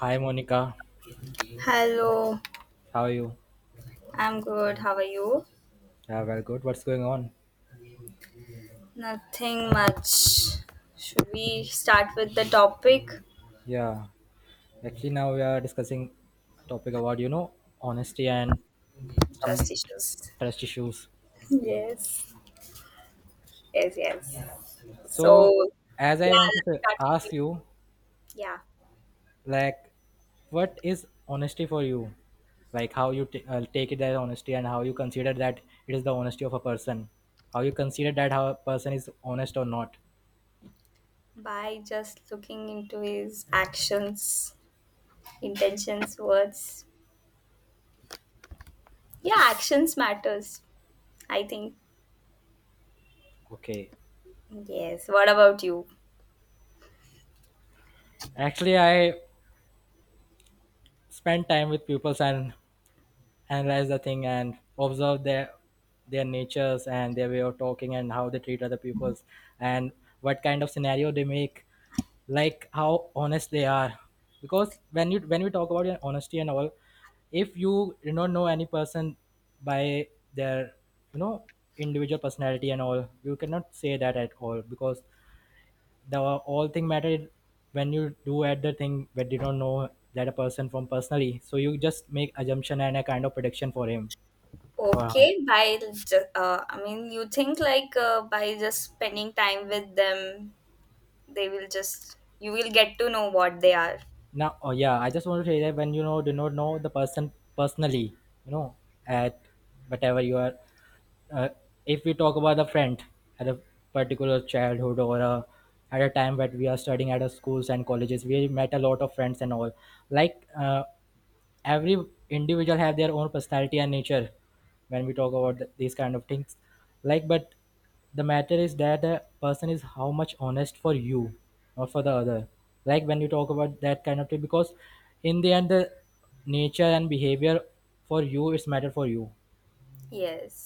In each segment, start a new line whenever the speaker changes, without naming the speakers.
Hi Monica,
Hello,
how are you?
I'm good. How are you?
Yeah, well, good. What's going on?
Nothing much. Should we start with the topic?
Yeah, actually now we are discussing a topic about honesty and some
Trust issues.
trust issues.
Yes. Yes, yes. So,
So, as I
yeah,
want to
let's
say,
start with you.
ask you,
Yeah.
like, what is honesty for you? Like how you take it as honesty and how you consider that it is the honesty of a person. How you consider that how a person is honest or not.
By just looking into his actions, intentions, words. Yeah, actions matters, I think.
Okay.
Yes. What about you?
Actually, I spend time with pupils and analyze the thing and observe their natures and their way of talking and how they treat other peoples and what kind of scenario they make, like how honest they are because when you when we talk about your honesty and all, if you know any person by their, you know, individual personality and all, you cannot say that at all because the all thing matter when you do at the thing but you don't know that a person from personally, so you just make assumption and a kind of prediction for him or
Okay,
her.
by just, I mean, you think like by just spending time with them, they will just you will get to know what they are.
Now, oh yeah, I just want to say that when you know do not know the person personally, you know, at whatever you are, uh, if we talk about a friend at a particular childhood or a, at a time that we are studying at a schools and colleges we met a lot of friends and all, like, every individual have their own personality and nature when we talk about these kind of things like, but the matter is that a person is how much honest for you or for the other, like when you talk about that kind of thing because in the end the nature and behavior for you is matter for you.
Yes.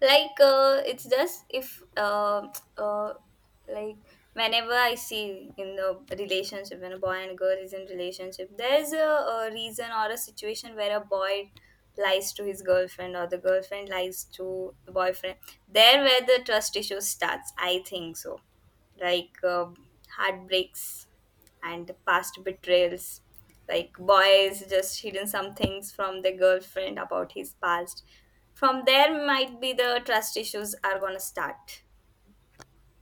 Like, it's just if uh, like whenever I see in the relationship, when a boy and a girl is in relationship, there's a reason or a situation where a boy lies to his girlfriend or the girlfriend lies to the boyfriend. There where the trust issue starts, I think so. Like, heartbreaks and past betrayals. Like boys just hidden some things from their girlfriend about his past. From there might be the trust issues are gonna start.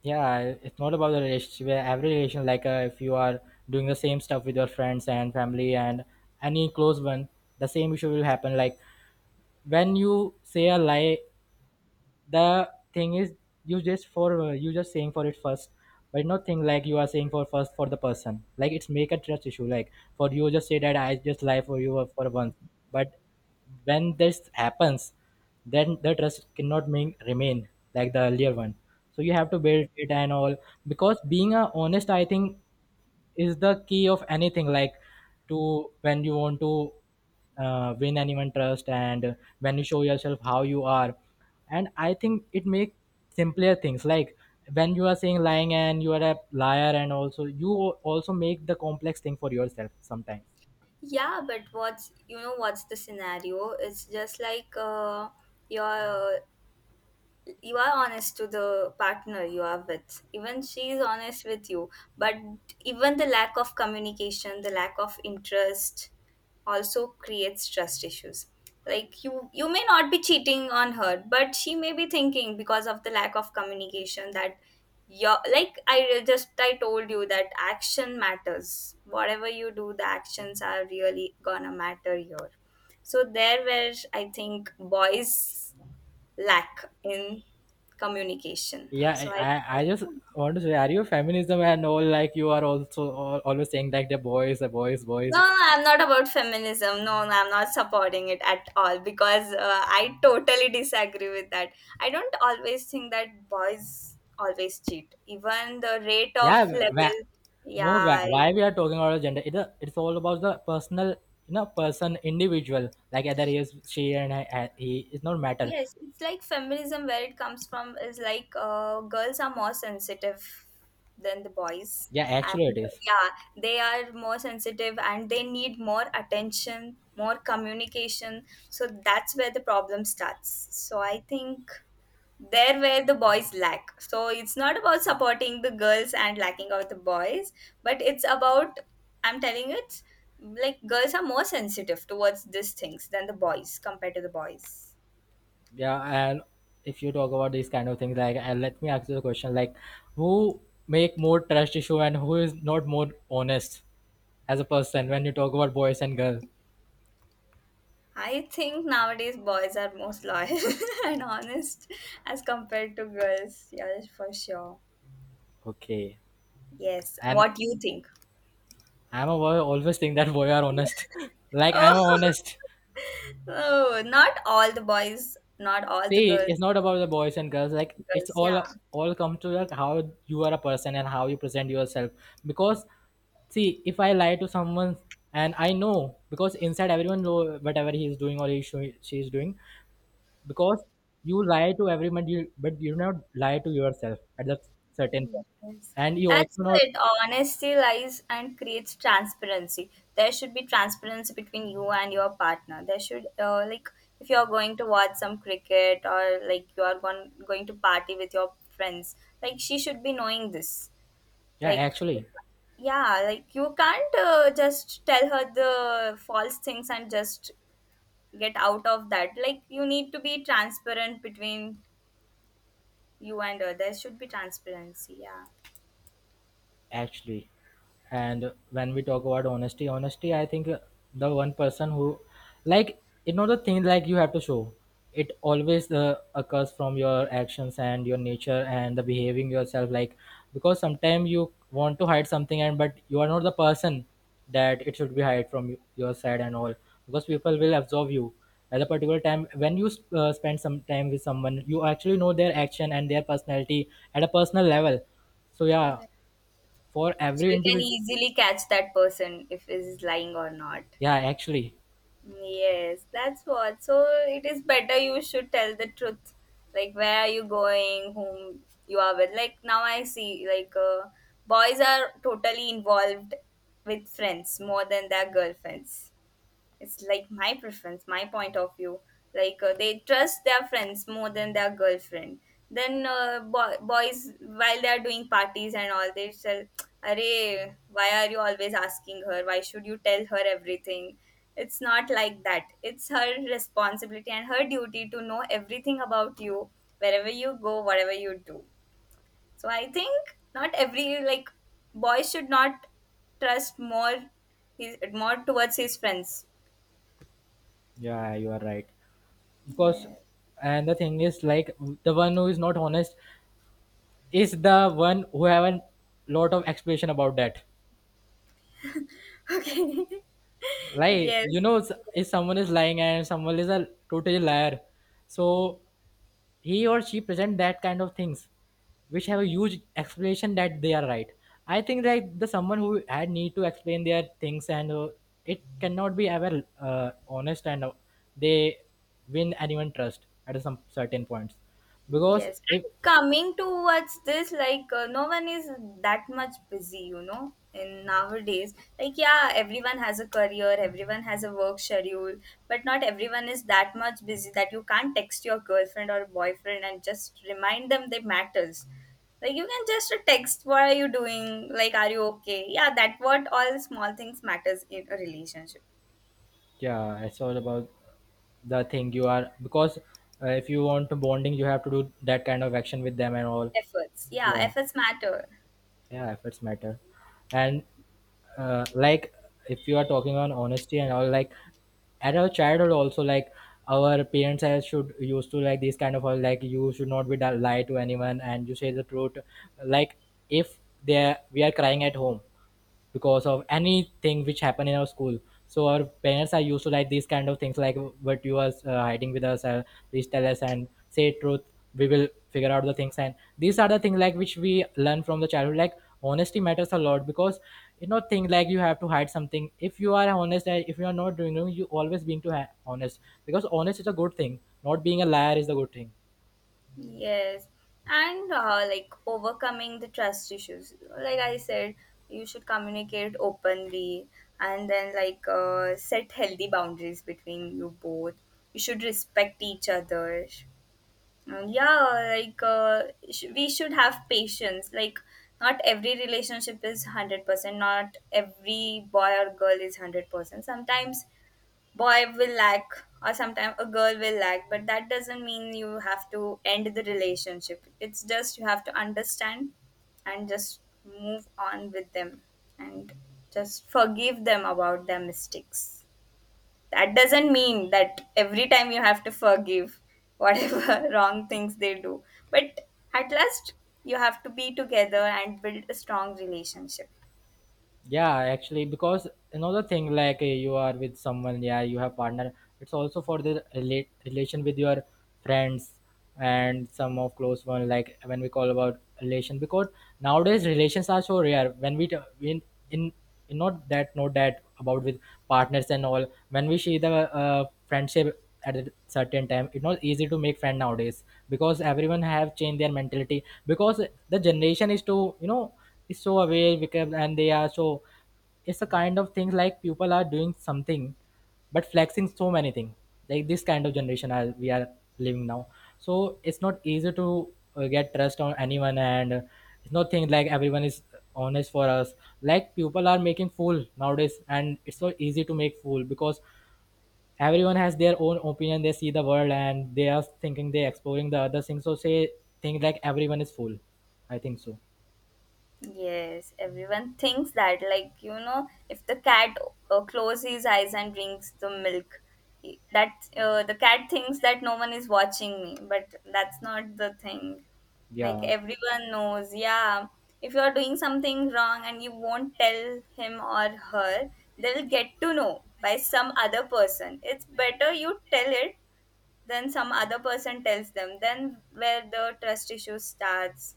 Yeah, it's not about the relationship, where every relation, like, if you are doing the same stuff with your friends and family and any close one, the same issue will happen. Like when you say a lie, the thing is, you just for you just saying for it first, but not thing like you are saying for first for the person, like it's make a trust issue. Like for you just say that I just lie for you for once, but when this happens, then the trust cannot remain like the earlier one, so you have to build it and all. Because being a honest, I think, is the key of anything. Like to when you want to win anyone trust and when you show yourself how you are, and I think it makes simpler things. Like when you are saying lying and you are a liar, and also you also make the complex thing for yourself sometimes.
Yeah, but what's you know what's the scenario? It's just like your you are honest to the partner you are with, even she is honest with you. But even the lack of communication, the lack of interest also creates trust issues. Like, you may not be cheating on her, but she may be thinking, because of the lack of communication, that your like I told you that action matters. Whatever you do, the actions are really gonna matter here. So there where I think boys lack in communication.
Yeah,
So I
I I just
No,
want to say, are you feminism and all? Like you are also always saying like the boys, the boys, boys
no, I'm not about feminism. No, no, I'm not supporting it at all because I totally disagree with that. I don't always think that boys always cheat. Even the rate of
yeah wh-
level,
no,
yeah.
why we are talking about gender? It, it's all about the personal, you know, person individual. Like either he is she and he, it's not matter.
Yes, it's like feminism, where it comes from is like girls are more sensitive than the boys,
Yeah, actually it
and
is.
yeah, they are more sensitive and they need more attention, more communication. So that's where the problem starts. So I think there where the boys lack. So it's not about supporting the girls and lacking out the boys, but it's about, I'm telling it, like girls are more sensitive towards these things than the boys compared to the boys.
Yeah, and if you talk about these kind of things, like, let me ask you a question, like who make more trust issue and who is not more honest as a person when you talk about boys and girls?
I think nowadays boys are most loyal and honest as compared to girls. Yes, for sure.
Okay,
Yes.
and
What do you think?
I'm a boy, always think that boy are honest like
Oh,
I'm honest.
oh, not all the boys, not all the
See,
girls.
it's not about the boys and girls. Like it's
Girls, yeah.
all come to like how you are a person and how you present yourself. Because see, if I lie to someone and I know, because inside everyone know whatever he is doing or he she is doing. Because you lie to everyone, you, but you do not lie to yourself at that certain
Mm,
point.
yes.
And you also
That's
not
it. Honesty lies and creates transparency. There should be transparency between you and your partner. There should, like, if you're going to watch some cricket, or like, you are going to party with your friends, like, she should be knowing this.
yeah
Like,
actually.
yeah, like, you can't just tell her the false things and just get out of that. Like, you need to be transparent between you and her. There should be transparency. Yeah.
Actually, and when we talk about honesty, I think, the one person who, like it's not a thing like you have to show it always, occurs from your actions and your nature and the behaving yourself. Like because sometimes you want to hide something, and but you are not the person that it should be hide from you, your side and all, because people will absorb you at a particular time. When you spend some time with someone, you actually know their action and their personality at a personal level. So yeah,
Yeah.
for
So
every
you can
individual.
easily catch that person if is lying or not.
Yeah, actually.
Yes, that's what. So it is better you should tell the truth. Like, where are you going, whom you are with. Like, now I see, like, boys are totally involved with friends more than their girlfriends. It's like my preference, my point of view. Like, they trust their friends more than their girlfriend. Then boys, while they are doing parties and all, they say, Arey, why are you always asking her, why should you tell her everything. It's not like that, it's her responsibility and her duty to know everything about you, wherever you go, whatever you do. So I think, not every, like, boy should not trust more his more towards his friends.
Yeah, you are right, because,
Yes.
and the thing is, like, the one who is not honest is the one who have a lot of explanation about that. Like, you
Yes.
know s- if someone is lying and someone is a total liar, so he or she present that kind of things which have a
Yes.
huge explanation that they are right. I think that the someone who had need to explain their things and it cannot be ever honest, and they win anyone trust at some certain points, because
Yes.
if
And coming towards this, like, no one is that much busy, in nowadays. Like, yeah, everyone has a career, everyone has a work schedule, but not everyone is that much busy that you can't text your girlfriend or boyfriend and just remind them they matters. Like, you can just text, what are you doing? Like, are you okay? Yeah, that what all small things matters in a relationship.
yeah I saw about the thing you are, because if you want to bonding, you have to do that kind of action with them and all.
Efforts. Yeah,
Yeah,
efforts matter.
yeah, efforts matter. And like, if you are talking on honesty and all, like at our childhood also, like our parents has should used to like this kind of all, like you should not be lie to anyone and you say the truth. Like if they are, we are crying at home because of anything which happened in our school, so our parents are used to like these kind of things, like what you are hiding with us, please tell us and say truth, we will figure out the things. And these are the things like which we learn from the childhood, like honesty matters a lot, because you know thing like you have to hide something if you are honest, and if you are not doing wrong you always being to honest, because honest is a good thing, not being a liar is the good thing.
Yes, and like, overcoming the trust issues. Like I said, you should communicate openly, and then, like, set healthy boundaries between you both. You should respect each other. And yeah, like, we should have patience. Like, not every relationship is 100%, not every boy or girl is 100%. Sometimes boy will lack or sometimes a girl will lack, but that doesn't mean you have to end the relationship. It's just you have to understand and just move on with them, and just forgive them about their mistakes. That doesn't mean that every time you have to forgive whatever wrong things they do, but at last, you have to be together and build a strong relationship.
Yeah, actually, because another thing, like, you are with someone, yeah, you have partner, it's also for the relation with your friends and some of close one, like when we call about relation, because nowadays relations are so rare. When we when in, in, not that, not that about with partners and all, when we see the friendship at a certain time, it's not easy to make friend nowadays, because everyone have changed their mentality, because the generation is too, you know, is so aware because, and they are so, it's a kind of thing like people are doing something but flexing so many things, like this kind of we are living now. So it's not easy to get trust on anyone, and it's not thing like everyone is honest for us. Like people are making fool nowadays and it's so easy to make fool, because everyone has their own opinion, they see the world and they are thinking, they exploring the other things, so say things like everyone is fool, I think so.
Yes, everyone thinks that, like, if the cat closes his eyes and drinks the milk, he- that the cat thinks that no one is watching me, but that's not the thing. Like,
Yeah,
everyone knows, yeah, if you're doing something wrong and you won't tell him or her, they'll get to know by some other person. It's better you tell it than some other person tells them, then where the trust issue starts.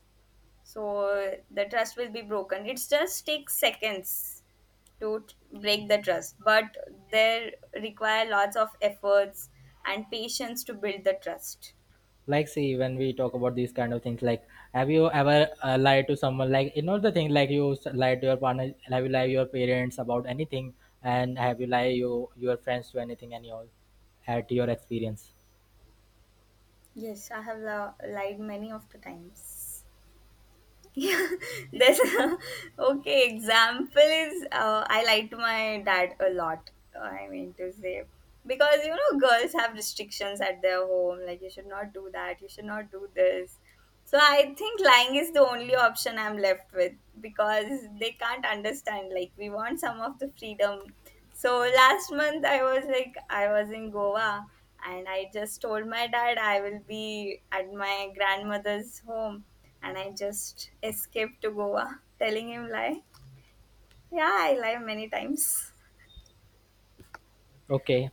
So the trust will be broken. It just takes seconds to break the trust, but there require lots of efforts and patience to build the trust.
like, see, when we talk about these kind of things, like, have you ever lied to someone? Like you know the thing like you lied to your partner, have you lied to your parents about anything, and have you lied you your friends to anything and all, at your experience?
Yes, I have lied many of the times. Yeah, there's okay, example is I lied to my dad a lot, I mean to say, because you know girls have restrictions at their home, like, you should not do that, you should not do this. So I think lying is the only option I'm left with, because they can't understand. Like, we want some of the freedom. So last month, I was in Goa, and I just told my dad I will be at my grandmother's home, and I just escaped to Goa, telling him lie. Yeah, I lie many times.
Okay,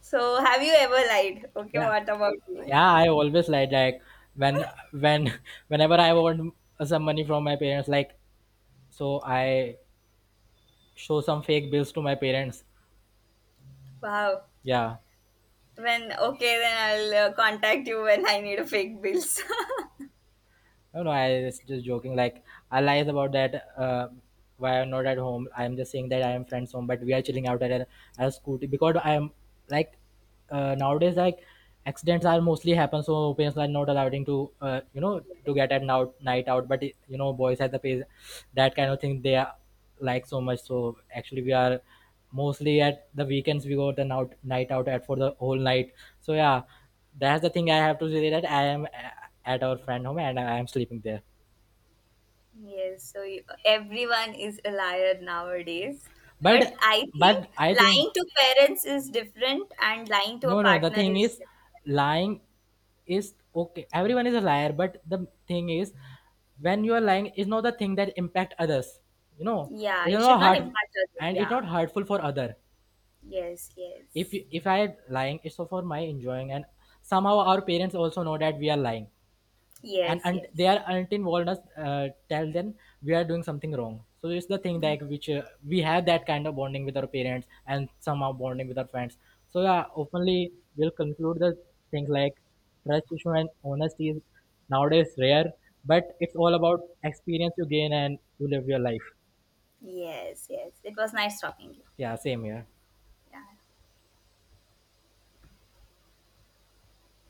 So have you ever lied? Okay,
yeah,
what about you?
yeah, I always lied. Like when when whenever I want some money from my parents, like, so I show some fake bills to my parents.
Wow.
Yeah.
When Okay, then I'll contact you when I need a fake bills.
No, no, I was just joking. Like, I lies about that. Why I'm not at home. I'm just saying that I am friends home, but we are chilling out at a scooty, because I am, like, nowadays, like, accidents are mostly happen, so parents are not allowing to, you know, to
Yes.
get at now night out, but you know boys at the pace, that kind of thing they are like, so much. So actually we are mostly at the weekends we go the out night out at for the whole night, so yeah, that's the thing I have to say, that I am at our friend home and I am sleeping there.
Yes. So, everyone is a liar nowadays. But
but
I think
but I think,
lying to parents is different, and lying to a
no, no, the
partner
thing
is
is,
different.
lying is okay. Everyone is a liar, but the thing is, when you are lying, is not the thing that impact others. You know,
Yeah,
it's
you should
not
not
hurt,
impact others.
and it's
Yeah.
not hurtful for other.
Yes, yes.
If I lying, it's for my enjoying, and somehow our parents also know that we are lying,
Yes,
and they
yes.
are until walnuts tell them we are doing something wrong. So it's the thing like which we have that kind of bonding with our parents and somehow bonding with our friends. So yeah, openly we'll conclude the things like trust issue and honesty is nowadays rare, but it's all about experience you gain and you live your life.
Yes, yes. It was nice talking to you.
Yeah, same here.
Yeah.